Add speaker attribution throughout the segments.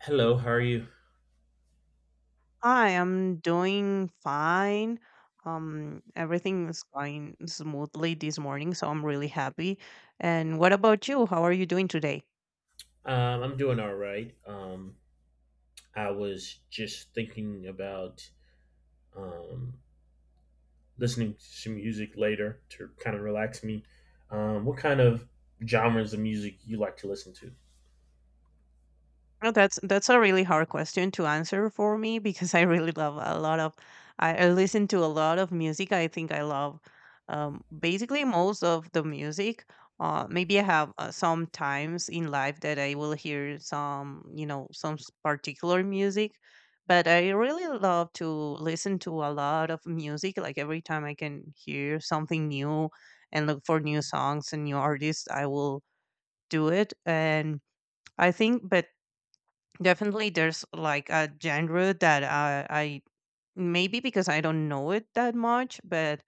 Speaker 1: Hello, how are you?
Speaker 2: Hi, I'm doing fine. Everything is going smoothly this morning, so I'm really happy. And what about you? How are you doing today?
Speaker 1: I'm doing all right. I was just thinking about um, listening to some music later to kind of relax me. What kind of genres of music you like to listen to?
Speaker 2: Well, that's a really hard question to answer for me because I really love a lot of I listen to a lot of music. I think I love basically most of the music. Maybe I have some times in life that I will hear some particular music, but I really love to listen to a lot of music. Like every time I can hear something new and look for new songs and new artists, I will do it. And. I think, but definitely, there's like a genre that I maybe because I don't know it that much, but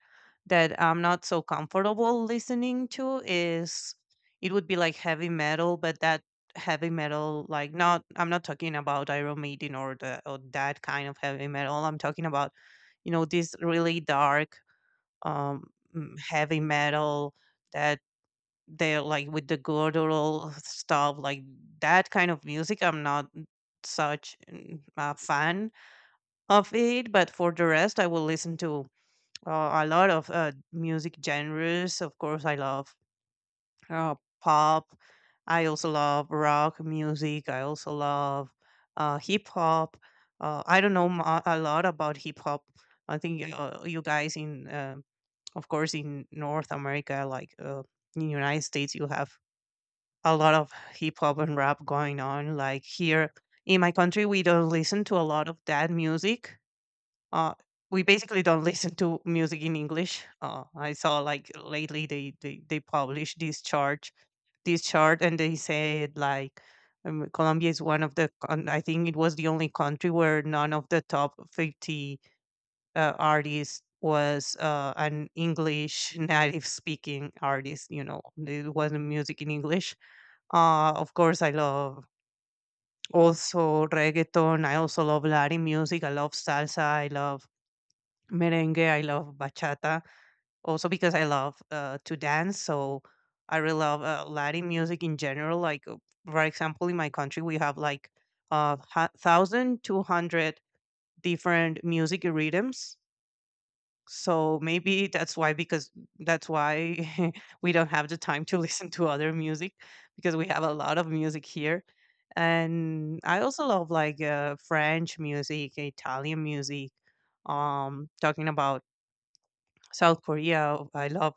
Speaker 2: that I'm not so comfortable listening to, is it would be like heavy metal, but that heavy metal, like not I'm not talking about Iron Maiden or that kind of heavy metal. I'm talking about this really dark um heavy metal that they're like with the guttural stuff, like that kind of music. I'm not such a fan of it, but for the rest, I will listen to a lot of music genres. Of course, I love uh, pop. I also love rock music. I also love hip hop. I don't know a lot about hip hop. I think you guys of course, in North America, like in United States, you have a lot of hip hop and rap going on. Like here in my country, we don't listen to a lot of that music. Uh, we basically don't listen to music in English. I saw, like, lately they published this chart, and they said like Colombia is one of I think it was the only country where none of the top 50 artists was an English native speaking artist. You know, it wasn't music in English. Of course, I love also reggaeton. I also love Latin music. I love salsa. I love merengue. I love bachata. Also because I love to dance, so I really love Latin music in general. Like for example, in my country, we have, like uh 1,200 different music rhythms. So maybe that's why, because that's why we don't have the time to listen to other music, because we have a lot of music here. And I also love like French music, Italian music. Talking about South Korea, I love,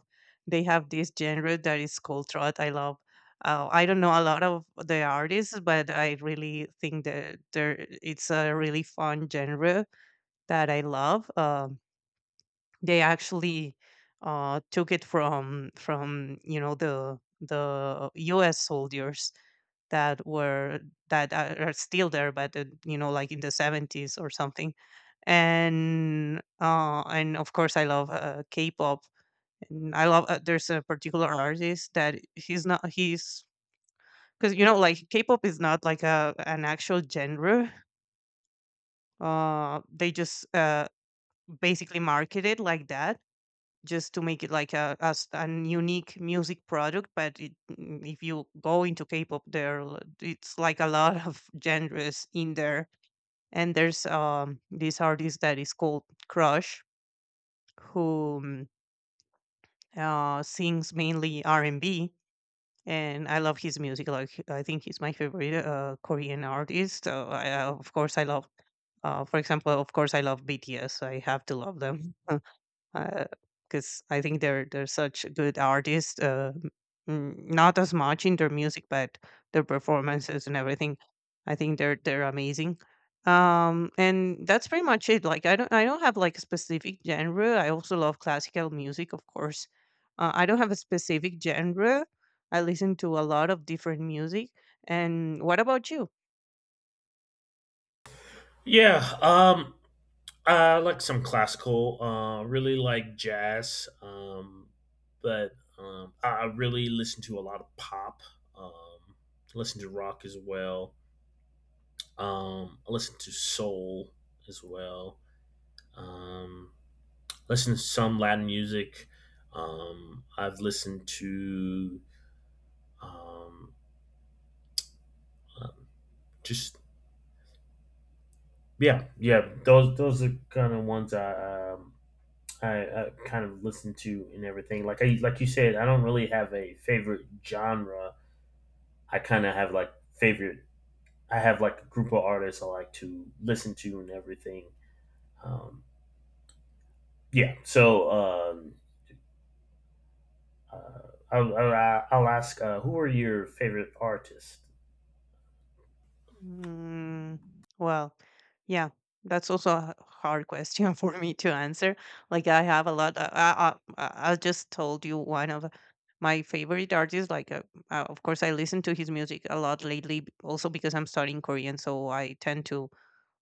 Speaker 2: they have this genre that is called trot. I love. I don't know a lot of the artists, but I really think that there it's a really fun genre that I love. They actually took it from the U.S. soldiers that were that are still there, but like in the 70s or something. And of course I love K-pop. And I love there's a particular artist that he's not he's because like K-pop is not like a an actual genre. They just basically market it like that, just to make it like a as an unique music product. But if you go into K-pop, it's like a lot of genres in there. And there's this artist that is called Crush, who sings mainly R&B. And I love his music. Like I think he's my favorite Korean artist. Of course, I love. For example, of course, I love BTS. I have to love them. Because I think they're such good artists. Not as much in their music, but their performances and everything. I think they're amazing. And that's pretty much it. Like I don't have like a specific genre. I also love classical music, of course. I don't have a specific genre. I listen to a lot of different music. And what about you?
Speaker 1: Yeah, I like some classical. Really like jazz, but I really listen to a lot of pop. Um, Listen to rock as well. I listen to soul as well, um, listen to some Latin music. I've listened to um, um, just yeah, yeah. Those are kind of ones I kind of listen to and everything. Like I, like you said, I don't really have a favorite genre. I kind of have like favorite. I have like a group of artists I like to listen to and everything. Um, yeah. So I'll ask, who are your favorite artists?
Speaker 2: Mm, well, yeah, that's also a hard question for me to answer. Like I have a lot. I just told you one of my favorite artists. Like, of course, I listen to his music a lot lately. Also because I'm studying Korean, so I tend to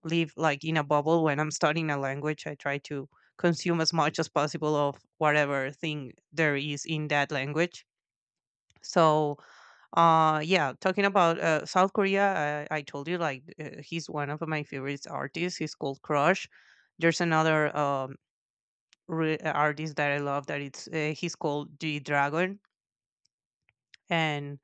Speaker 2: live like in a bubble when I'm studying a language. I try to consume as much as possible of whatever thing there is in that language. So yeah, talking about South Korea, I told you, like, he's one of my favorite artists. He's called Crush. There's another artist that I love, that it's he's called D Dragon, and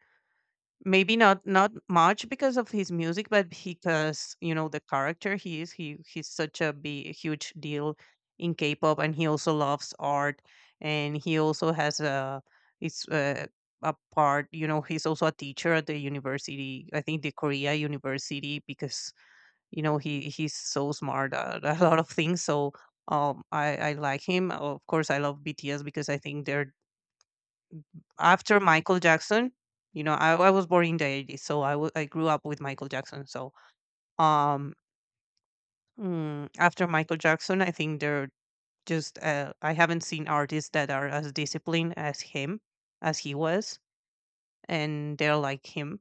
Speaker 2: maybe not much because of his music but because the character he is, he's such a big huge deal in K-pop, and he also loves art, and he also has a it's a part, he's also a teacher at the university, I think the Korea University, because he's so smart at a lot of things. So I like him. Of course, I love BTS because I think they're after Michael Jackson. I was born in the 80s, so I grew up with Michael Jackson. So um, after Michael Jackson, I think they're I haven't seen artists that are as disciplined as him, as he was, and they're like him.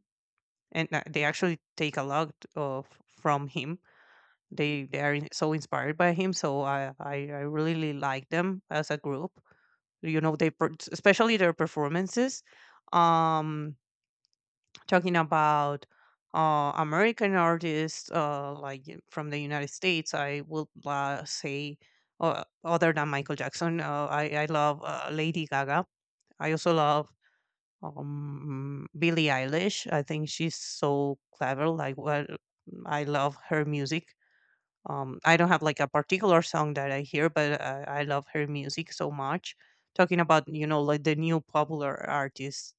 Speaker 2: And they actually take a lot of from him. They are so inspired by him. So I really like them as a group. You know, they especially their performances. Um, talking about American artists, like from the United States, I would say, other than Michael Jackson, I love Lady Gaga. I also love Billie Eilish. I think she's so clever. Like, well, I love her music. I don't have like a particular song that I hear, but I love her music so much. Talking about like the new popular artists,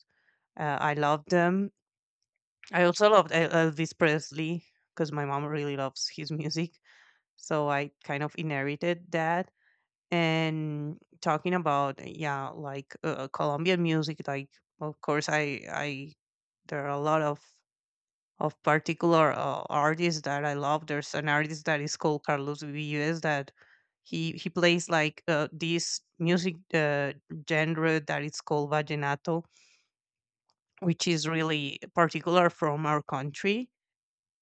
Speaker 2: I love them. I also loved Elvis Presley because my mom really loves his music. So I kind of inherited that. And talking about, yeah, like Colombian music, like, of course, there are a lot of particular artists that I love. There's an artist that is called Carlos Vives, that he plays like this music genre that is called vallenato, which is really particular from our country,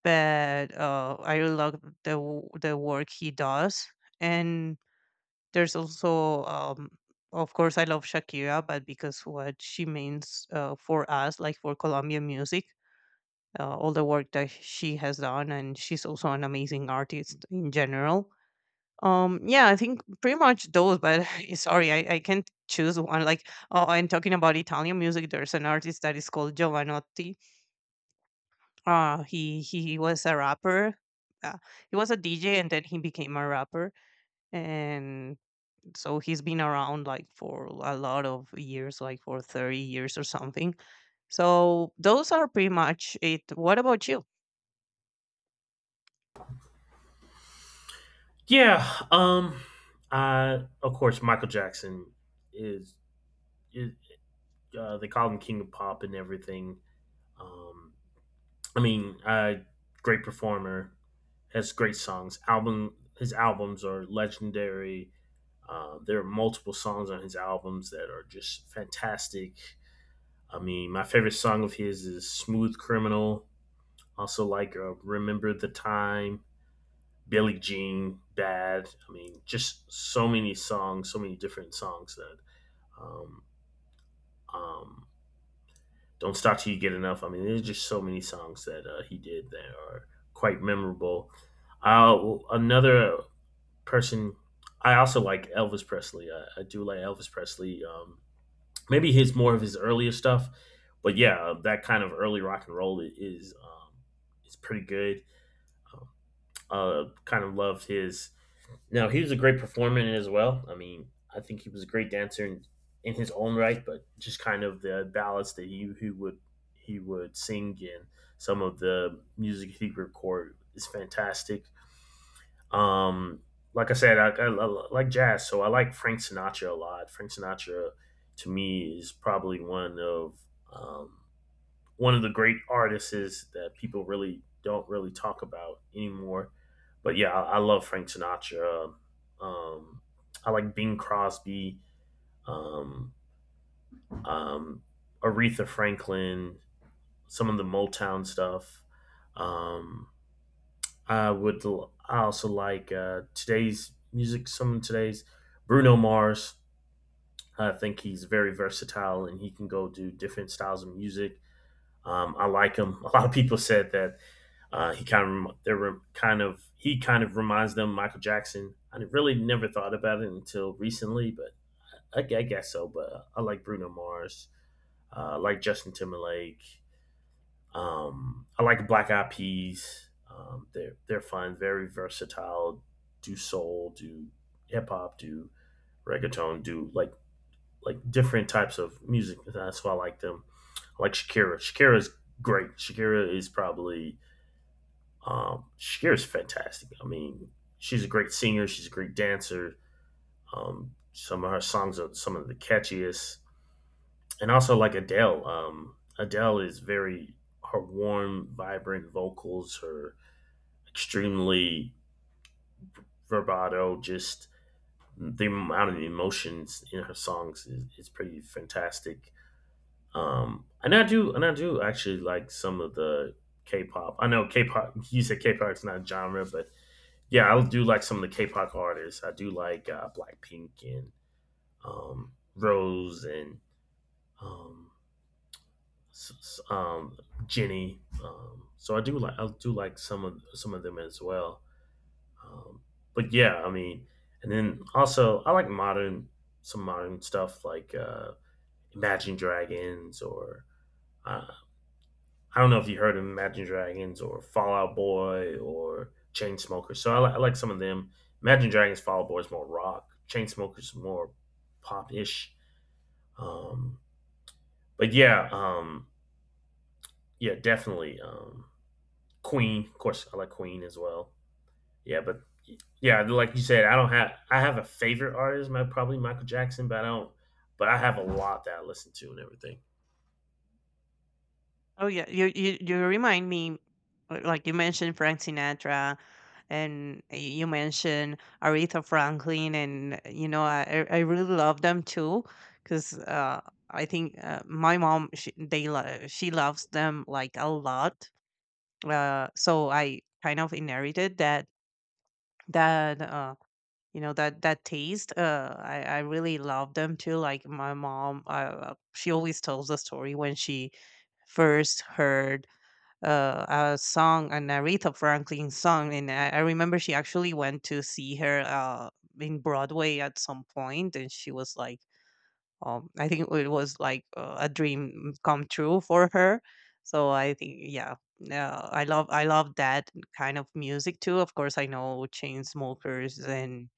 Speaker 2: but I really love the work he does. And there's also, of course, I love Shakira, but because what she means for us, like for Colombian music, all the work that she has done, and she's also an amazing artist in general. Yeah, I think pretty much those, but sorry, I can't choose one. Like, oh, and talking about Italian music, there's an artist that is called Giovanotti. He was a rapper. Uh, he was a DJ and then he became a rapper. And so he's been around like for a lot of years, like for 30 years or something. So those are pretty much it. What about you?
Speaker 1: Yeah. I of course Michael Jackson is, is, they call him King of Pop and everything. Um. I mean, great performer, has great songs. Album his albums are legendary. There are multiple songs on his albums that are just fantastic. I mean, my favorite song of his is "Smooth Criminal." Also, like, "Remember the Time." Billie Jean, Bad. I mean, just so many songs, so many different songs that um, um, Don't Stop Till You Get Enough. I mean, there's just so many songs that he did that are quite memorable. Uh, Another person, I also like Elvis Presley. I do like Elvis Presley. Maybe his more of his earlier stuff, but yeah, that kind of early rock and roll is pretty good. Um, Kind of loved his. No, he was a great performer in it as well. I mean, I think he was a great dancer in his own right, but just kind of the ballads that he would, he would sing, and some of the music he record is fantastic. Um, like I said, I like jazz, so I like Frank Sinatra a lot. Frank Sinatra to me is probably um, one of the great artists is that people really don't really talk about anymore. But yeah, I love Frank Sinatra. Um, I like Bing Crosby, um, um, Aretha Franklin, some of the Motown stuff. Um, I would. I also like, today's music. Some of today's Bruno Mars. I think he's very versatile and he can go do different styles of music. I like him. A lot of people said that he kind of, they were kind of, he kind of reminds them of Michael Jackson. I really never thought about it until recently, but I guess so. But I like Bruno Mars. I like Justin Timberlake. I like Black Eyed Peas. They're fun, very versatile. Do soul, do hip hop, do reggaeton, do like different types of music. That's why I like them, like Shakira. Shakira's great. Shakira is probably Shakira's fantastic. I mean, she's a great singer. She's a great dancer. Some of her songs are some of the catchiest, and also like Adele. Adele is very her warm, vibrant vocals, her extremely verbato, just the amount of emotions in her songs is pretty fantastic. And I do, and I do actually like some of the K-pop. I know K-pop. You said K-pop is not a genre, but yeah, I do like some of the K-pop artists. I do like, Blackpink and, Rose and, um, s- s- um, Jenny. So I do like, I do like some of them as well. Um, but yeah, I mean, and then also I like modern, some modern stuff like, Imagine Dragons or, I, I don't know if you heard of Imagine Dragons or Fall Out Boy or Chainsmokers. So I, I like some of them. Imagine Dragons, Fall Out Boy is more rock. Chainsmokers more pop ish. Um, but yeah, yeah, definitely. Queen, of course, I like Queen as well. Yeah, but yeah, like you said, I don't have I have a favorite artist, my probably Michael Jackson, but I don't. But I have a lot that I listen to and everything.
Speaker 2: Oh yeah, you remind me, like you mentioned Frank Sinatra, and you mentioned Aretha Franklin, and I really love them too, because I think my mom, she loves them like a lot. So I kind of inherited that that uh taste. I really love them too. Like my mom, she always tells the story when she first heard uh, a song, an Aretha Franklin song, and I remember she actually went to see her in Broadway at some point, and she was like, I think it was like a dream come true for her. So I think, yeah, I love that kind of music too. Of course, I know Chainsmokers and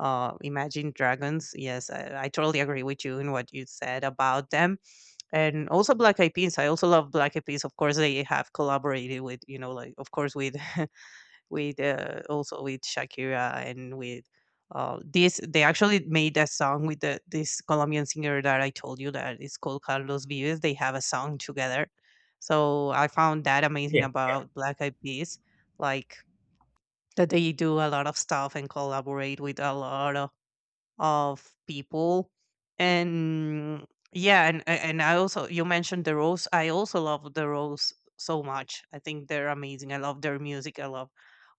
Speaker 2: Imagine Dragons. Yes, I totally agree with you in what you said about them, and also Black Eyed Peas. I also love Black Eyed Peas. Of course, they have collaborated with, you know, like, of course, with with also with Shakira, and with this, they actually made a song with this Colombian singer that I told you that is called Carlos Vives. They have a song together, so I found that amazing
Speaker 1: Yeah.
Speaker 2: about Black Eyed Peas, like, that they do a lot of stuff and collaborate with a lot of people. And yeah, and I also, you mentioned The Rose. I also love The Rose so much. I think they're amazing. I love their music. I love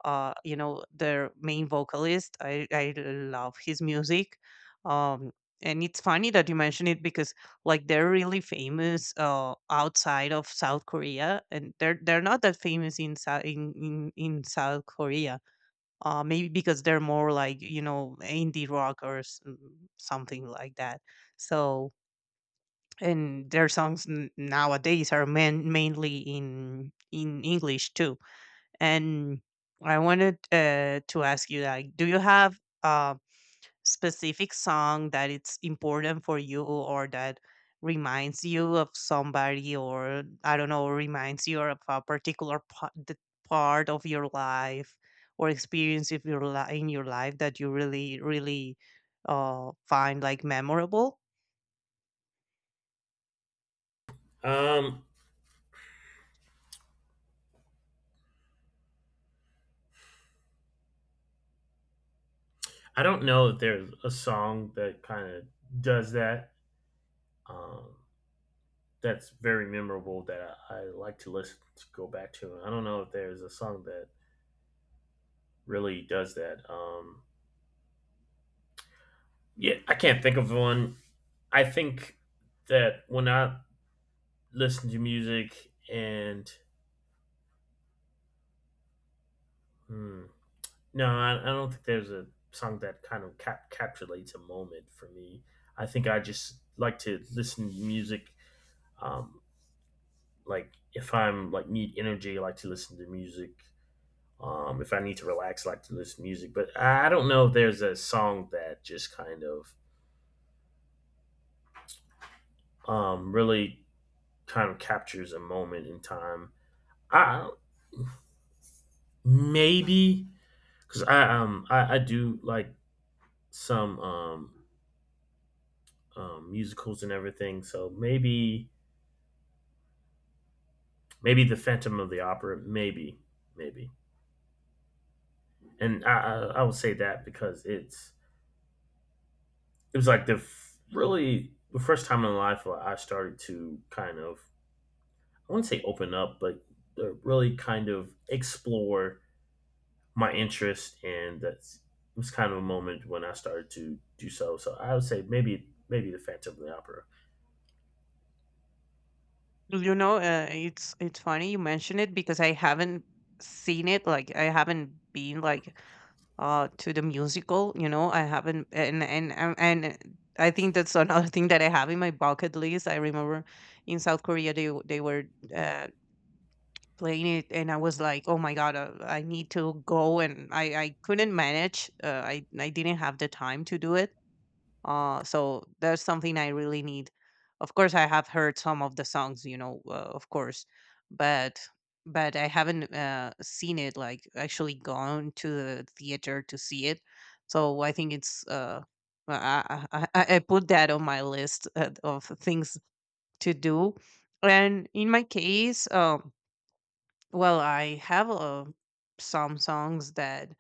Speaker 2: you know, their main vocalist. I love his music. um and it's funny that you mention it, because like, they're really famous outside of South Korea, and they're not that famous in in South Korea. Maybe because they're more like, you know, indie rock or something like that. So, and their songs nowadays are mainly in English too. And I wanted to ask you, like, do you have um specific song that it's important for you, or that reminds you of somebody, or I don't know, reminds you of a particular part of your life, or experience of your in your life, that you really really find like memorable.
Speaker 1: Um, I don't know that there's a song that kind of does that. Um, that's very memorable that I like to listen to, go back to. I don't know if there's a song that really does that. Yeah, I can't think of one. I think that when I listen to music and hmm, no, I don't think there's a song that kind of capitulates a moment for me. I think I just like to listen to music, um, like if I'm like need energy, I like to listen to music. If I need to relax, I like to listen to music. But I don't know if there's a song that just kind of really kind of captures a moment in time. I maybe because I I do like some musicals and everything, so maybe maybe the Phantom of the Opera, maybe maybe, and I would say that because it's it was like the really the first time in life where I started to kind of, I wouldn't say open up, but really kind of explore my interest, and that's it was kind of a moment when I started to do so. So I would say maybe maybe the Phantom of the Opera.
Speaker 2: You know, it's funny you mention it, because I haven't seen it. Like, I haven't been like to the musical, you know, I haven't, and I think that's another thing that I have in my bucket list. I remember in South Korea they they were uh, playing it, and I was like, oh my god, I need to go, and I couldn't manage. I didn't have the time to do it. So that's something I really need. Of course, I have heard some of the songs, you know, of course, but I haven't seen it, like, actually gone to the theater to see it. So I think it's I put that on my list of things to do. And in my case, well, I have some songs that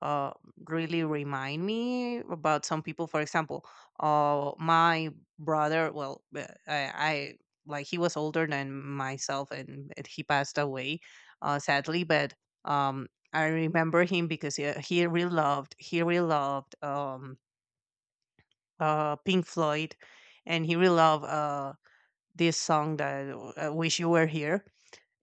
Speaker 2: uh, really remind me about some people. For example, my brother, well, I like, he was older than myself, and he passed away, sadly. But I remember him because he really loved Pink Floyd, and he really loved this song, that Wish You Were Here.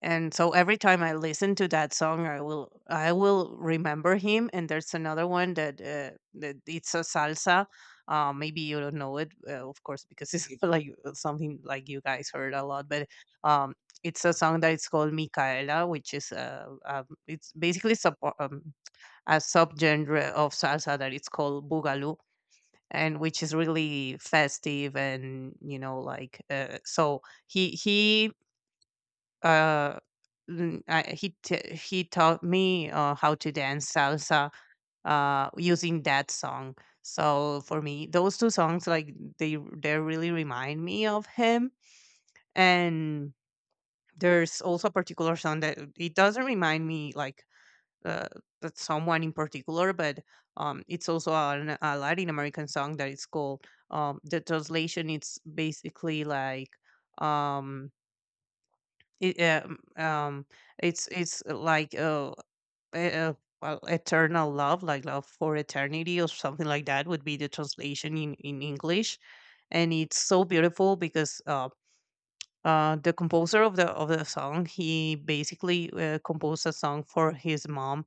Speaker 2: And so every time I listen to that song, I will remember him. And there's another one that that it's a salsa. Maybe you don't know it, of course, because it's like something like you guys heard a lot. But um, it's a song that it's called Micaela, which is it's basically a subgenre of salsa that it's called boogaloo, and which is really festive, and you know, like, so he uh, n- I, he t- he taught me how to dance salsa using that song. So for me, those two songs, like, they really remind me of him. And there's also a particular song that it doesn't remind me, like uh, that someone in particular, but it's also a Latin American song that is called, the translation, it's basically like, um it, it's like e- well, eternal love, like love for eternity or something like that would be the translation in English. And it's so beautiful because the composer of the song, he basically composed a song for his mom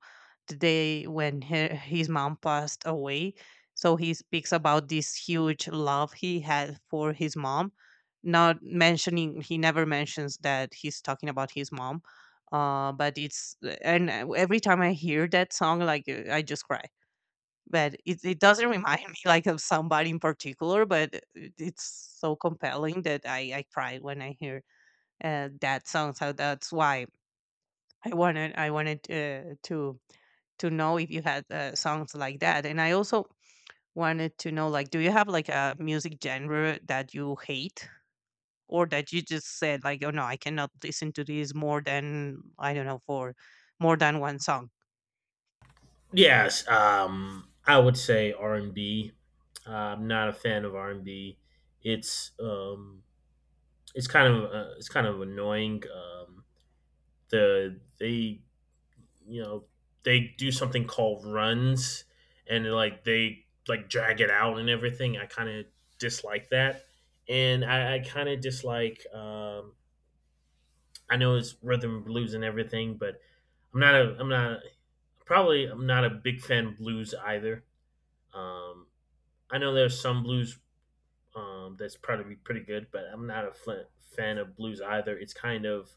Speaker 2: the day when his mom passed away. So he speaks about this huge love he had for his mom, not mentioning, he never mentions that he's talking about his mom. But it's, and every time I hear that song, like, I just cry. But it doesn't remind me like of somebody in particular, but it's so compelling that I cried when I hear that song. So that's why I wanted to know if you had songs like that. And I also wanted to know, like, do you have like a music genre that you hate? Or that you just said like, oh no, I cannot listen to this more than, I don't know, for more than one song.
Speaker 1: Yes, I would say R and B. I'm not a fan of R and B. It's um, it's kind of annoying. The they, you know, they do something called runs, and like they like drag it out and everything. I kind of dislike that, and I kind of dislike. I know it's rhythm and blues and everything, but I'm not probably I'm not a big fan of blues either. Um, I know there's some blues, that's probably pretty good, but I'm not a fan of blues either. It's kind of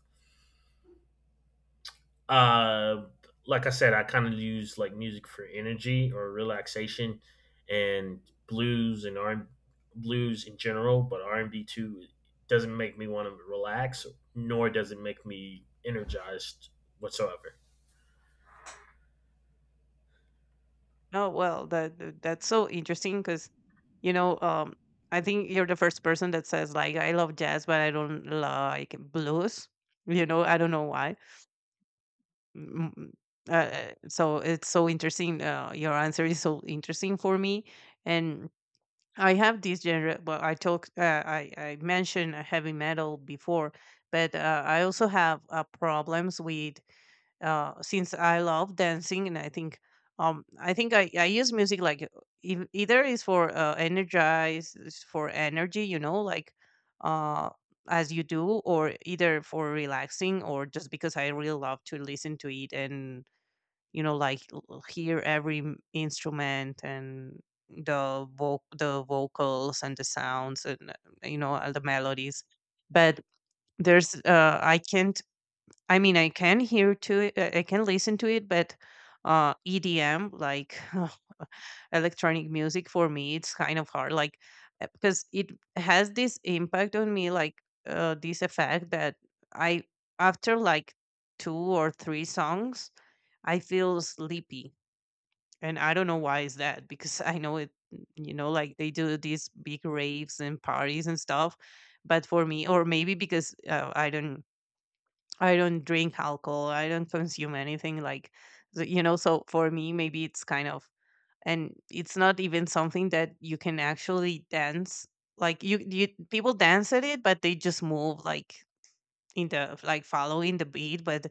Speaker 1: Uh, like I said, I kind of use like music for energy or relaxation, and blues and R blues in general, but R and B too doesn't make me want to relax, nor does it make me energized whatsoever.
Speaker 2: No, well, that that's so interesting, because you know, I think you're the first person that says like, I love jazz, but I don't like blues. You know, I don't know why. Mm, mm. So it's so interesting. Your answer is so interesting for me, and I have this genre. Well, I talked, I mentioned heavy metal before, but I also have problems with since I love dancing. And I think I think I use music like either is for energy, you know, like, uh, as you do, or either for relaxing, or just because I really love to listen to it, and you know, like, hear every instrument, and the vocals and the sounds, and you know, all the melodies. But there's I can't I mean, I can hear to it, I can listen to it, but EDM, like, electronic music, for me, it's kind of hard. Like, because it has this impact on me, like this effect that I, after like two or three songs, I feel sleepy. And I don't know why is that, because I know it, you know, like, they do these big raves and parties and stuff. But for me, or maybe because I don't, drink alcohol. I don't consume anything like, you know. So for me, maybe it's kind of, and it's not even something that you can actually dance. Like, you, people dance at it, but they just move like in the, like, following the beat, but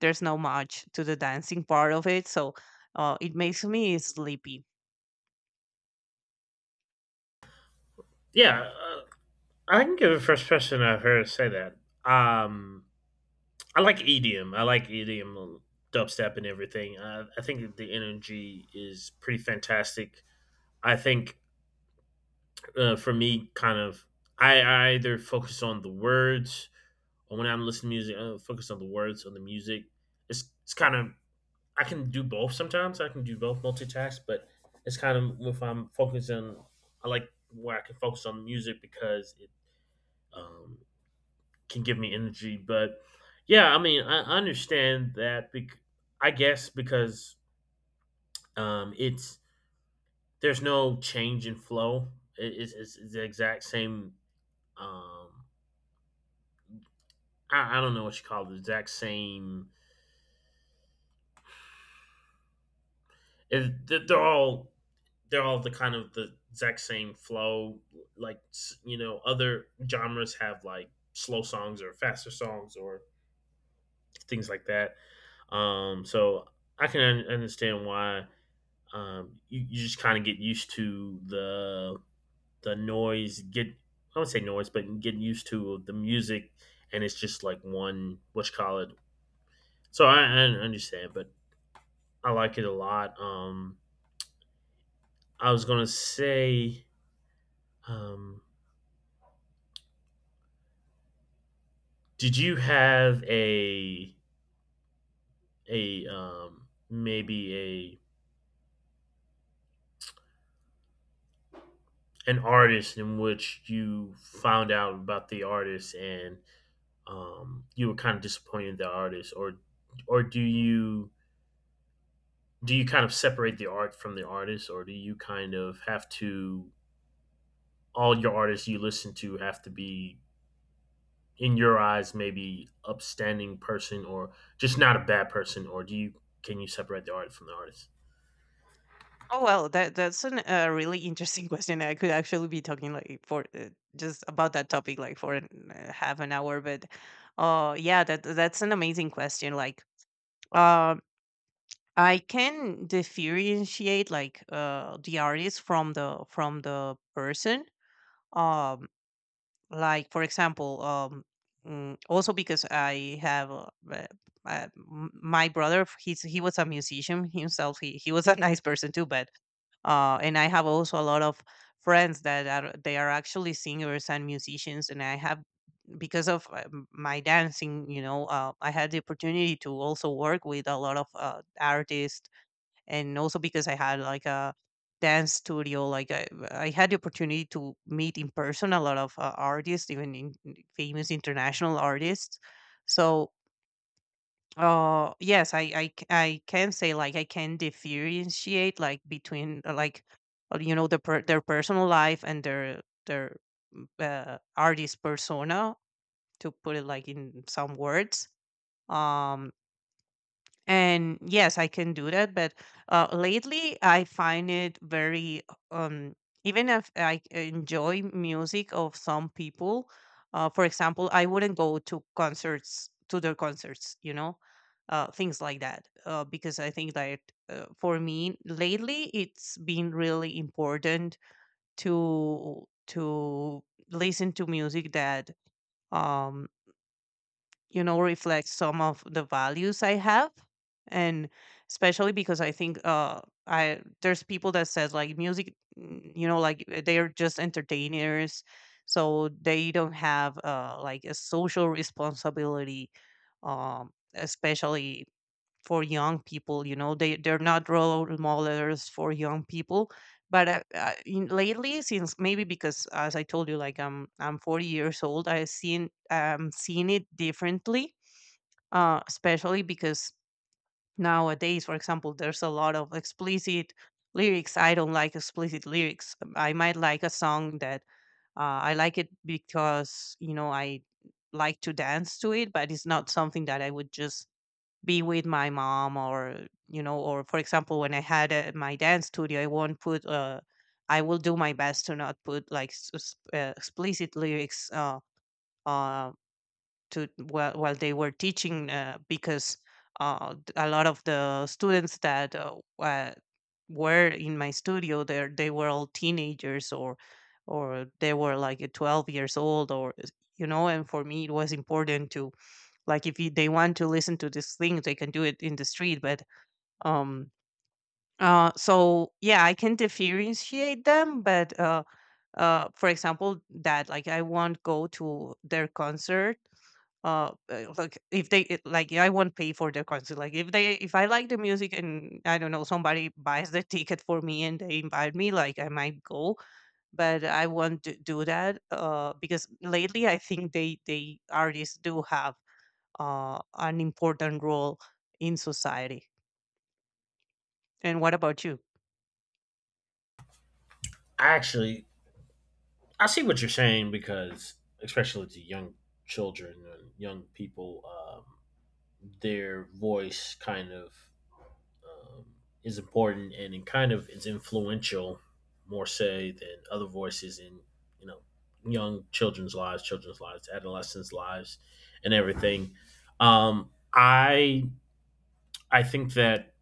Speaker 2: there's no much to the dancing part of it. So it makes me sleepy.
Speaker 1: Yeah, I can give a first person I've heard say that. Um, I like EDM. I like EDM dubstep and everything. I think the energy is pretty fantastic. I think, for me kind of, I either focus on the words, or when I'm listening to music, I focus on the words on the music. It's kind of I can do both sometimes. I can do both, multitask, but it's kind of if I'm focusing, I like where I can focus on music because it, um, can give me energy. But yeah, I mean, I understand that. I guess because it's there's no change in flow. It's the exact same, um, I don't know what you call the exact same. If they're all, they're all the kind of the exact same flow. Like you know, other genres have like slow songs or faster songs or things like that. So I can understand why, you just kind of get used to the noise. Get, I would say noise, but get used to the music, and it's just like one, what you call it. So I understand, but I like it a lot. I was gonna say, um, did you have a maybe a an artist in which you found out about the artist and, you were kind of disappointed in the artist, or do you, do you kind of separate the art from the artist, or do you kind of have to all your artists you listen to have to be in your eyes maybe upstanding person, or just not a bad person, or do you, can you separate the art from the artist?
Speaker 2: Oh well, that a really interesting question. I could actually be talking like for just about that topic like for half an hour, but yeah, that that's an amazing question. Like, um I can differentiate, like, the artist from the person. Um like, for example, also because I have my brother, he was a musician himself. He was a nice person too. But and I have also a lot of friends that are, they are actually singers and musicians, and I have, because of my dancing, you know, I had the opportunity to also work with a lot of artists, and also because I had like a dance studio. Like, I had the opportunity to meet in person a lot of artists, even famous international artists. So, oh yes, I can say, like, I can differentiate, like, between like you know, their personal life and their artist persona, to put it like in some words. Um, and yes, I can do that, but lately I find it very um even if I enjoy music of some people, for example, I wouldn't go to concerts to their concerts, you know, things like that, because I think that for me lately it's been really important to listen to music that um you know, reflects some of the values I have. And especially because I think, I there's people that says like, music, you know, like, they're just entertainers, so they don't have like a social responsibility. Especially for young people, you know, they're not role models for young people. But lately, since, maybe because, as I told you, like, I'm 40 years old, I've seen, seen it differently. Especially because nowadays, for example, there's a lot of explicit lyrics. I don't like explicit lyrics. I might like a song that I like it because, you know, I like to dance to it, but it's not something that I would just be with my mom, or, you know, or for example when I had my dance studio, I won't put I will do my best to not put like explicit lyrics uh to, while they were teaching, because a lot of the students that were in my studio there, they were all teenagers, or they were like 12 years old, or, you know, and for me it was important to, like, if they want to listen to these things, they can do it in the street. But um, so yeah, I can differentiate them. But for example, that, like, I won't go to their concert. Like, if they like, I won't pay for their concert. Like, if they, if I like the music, and I don't know, somebody buys the ticket for me and they invite me, like I might go. But I won't do that, because lately I think they, artists do have an important role in society. And what about you?
Speaker 1: I actually, I see what you're saying because especially to young children and young people, their voice kind of, um, is important and it kind of is influential more say than other voices in, you know, young children's lives, adolescents' lives, and everything. Um, I I think that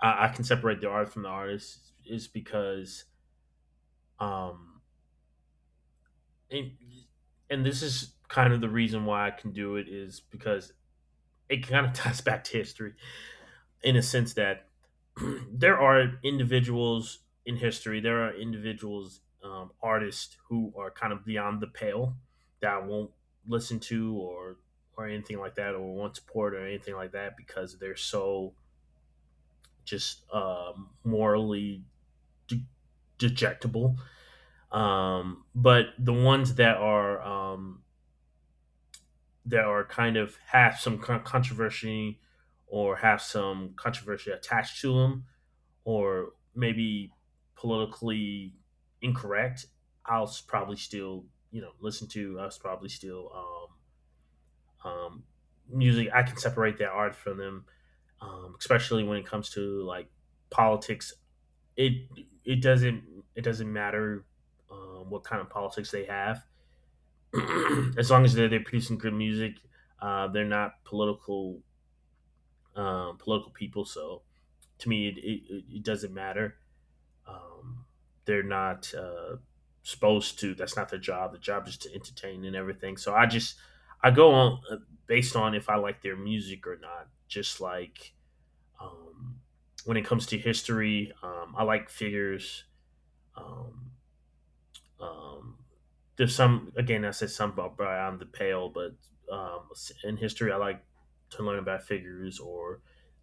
Speaker 1: I can separate the art from the artist is because, um, and, and this is kind of the reason why I can do it is because it kind of ties back to history in a sense that there are individuals in history, there are individuals, artists who are kind of beyond the pale that I won't listen to, or anything like that, or won't support or anything like that because they're so just, morally de- dejectable. But the ones that are kind of have some controversy or have some controversy attached to them, or maybe politically incorrect, I'll probably still, you know, listen to. I'll probably still um, um, music. I can separate that art from them, especially when it comes to like politics. It it doesn't, it doesn't matter, what kind of politics they have as long as they're producing good music, they're not political, political people. So to me, it doesn't matter. Um, they're not supposed to. That's not their job. The job is to entertain and everything. So I just I go on, based on if I like their music or not. Just like, um, when it comes to history, I like figures. Um, Um, there's some, again I say some about beyond the pale, but um, in history I like to learn about figures or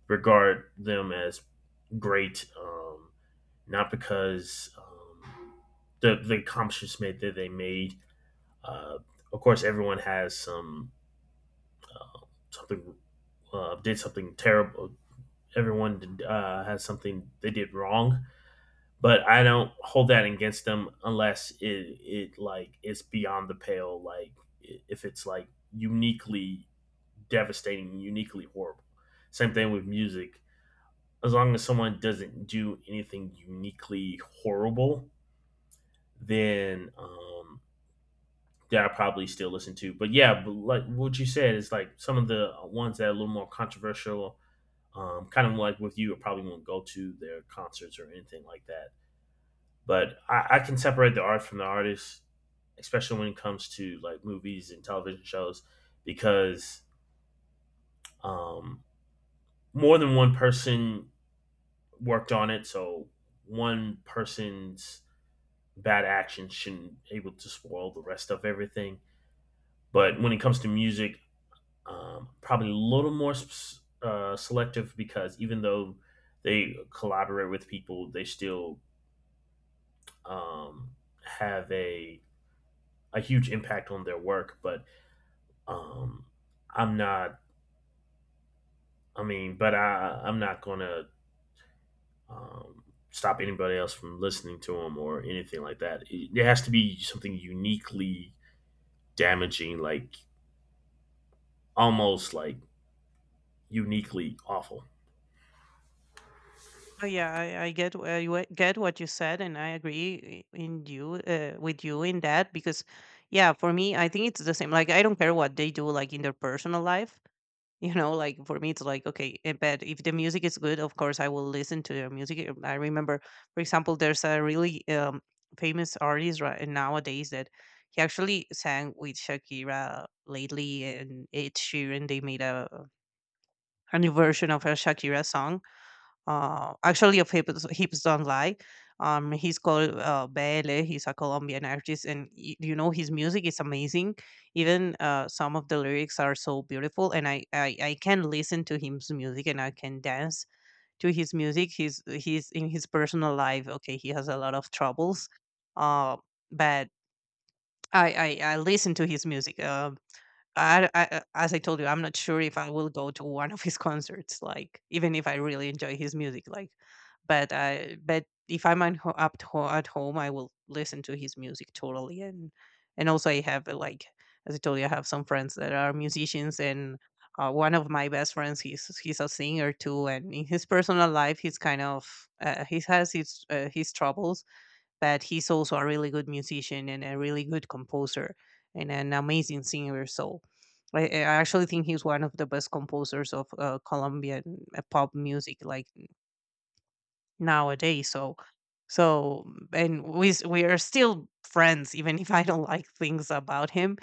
Speaker 1: regard them as great, not because, the accomplishments that they made. Uh, of course, everyone has some something, did something terrible. Everyone did, has something they did wrong, but I don't hold that against them unless it it like it's beyond the pale. Like if it's like uniquely devastating, uniquely horrible. Same thing with music. As long as someone doesn't do anything uniquely horrible, then, that I probably still listen to. But yeah, but like what you said is like some of the ones that are a little more controversial. Kind of like with you, I probably won't go to their concerts or anything like that. But I can separate the art from the artist, especially when it comes to like movies and television shows, because, um, more than one person worked on it, so one person's bad action shouldn't be able to spoil the rest of everything. But when it comes to music, probably a little more selective because even though they collaborate with people, they still um, have a huge impact on their work. But Um, I'm not. I mean, but I'm not gonna, um, stop anybody else from listening to him or anything like that. It, there has to be something uniquely damaging, like almost like uniquely awful.
Speaker 2: Oh yeah, I get what you said, and I agree in you, with you in that, because yeah, for me, I think it's the same. Like, I don't care what they do, like, in their personal life. You know, like, for me, it's like, okay, eh, but if the music is good, of course, I will listen to the music. Eh, I remember, for example, there's a really famous artist right nowadays that he actually sang with Shakira lately, and Ed Sheeran. They made a new version of a Shakira song, actually, of Hips Don't Lie. He's called Bele. He's a Colombian artist, and you know, his music is amazing. Even some of the lyrics are so beautiful, and I can listen to his music, and I can dance to his music. He's in his personal life, okay, he has a lot of troubles, uh, but I listen to his music. I, as I told you, I'm not sure if I will go to one of his concerts. Like, even if I really enjoy his music, like, but I, but if I'm at, at home, I will listen to his music totally. And also I have like, as I told you, I have some friends that are musicians, and one of my best friends, he's a singer too. And in his personal life, he's kind of he has his troubles, but he's also a really good musician and a really good composer and an amazing singer. So I actually think he's one of the best composers of Colombian pop music, like, nowadays. So so and we are still friends, even if I don't like things about him.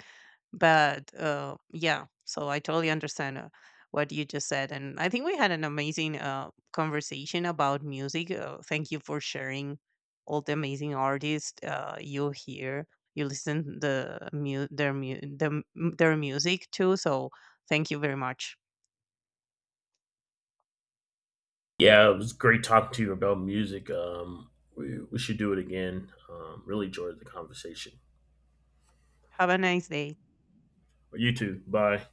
Speaker 2: But yeah, so I totally understand what you just said, and I think we had an amazing conversation about music. Thank you for sharing all the amazing artists you hear. You listen the mu their mu the m their music too, so thank you very much.
Speaker 1: Yeah, it was great talking to you about music. We should do it again. Really enjoyed the conversation.
Speaker 2: Have a nice day.
Speaker 1: You too. Bye.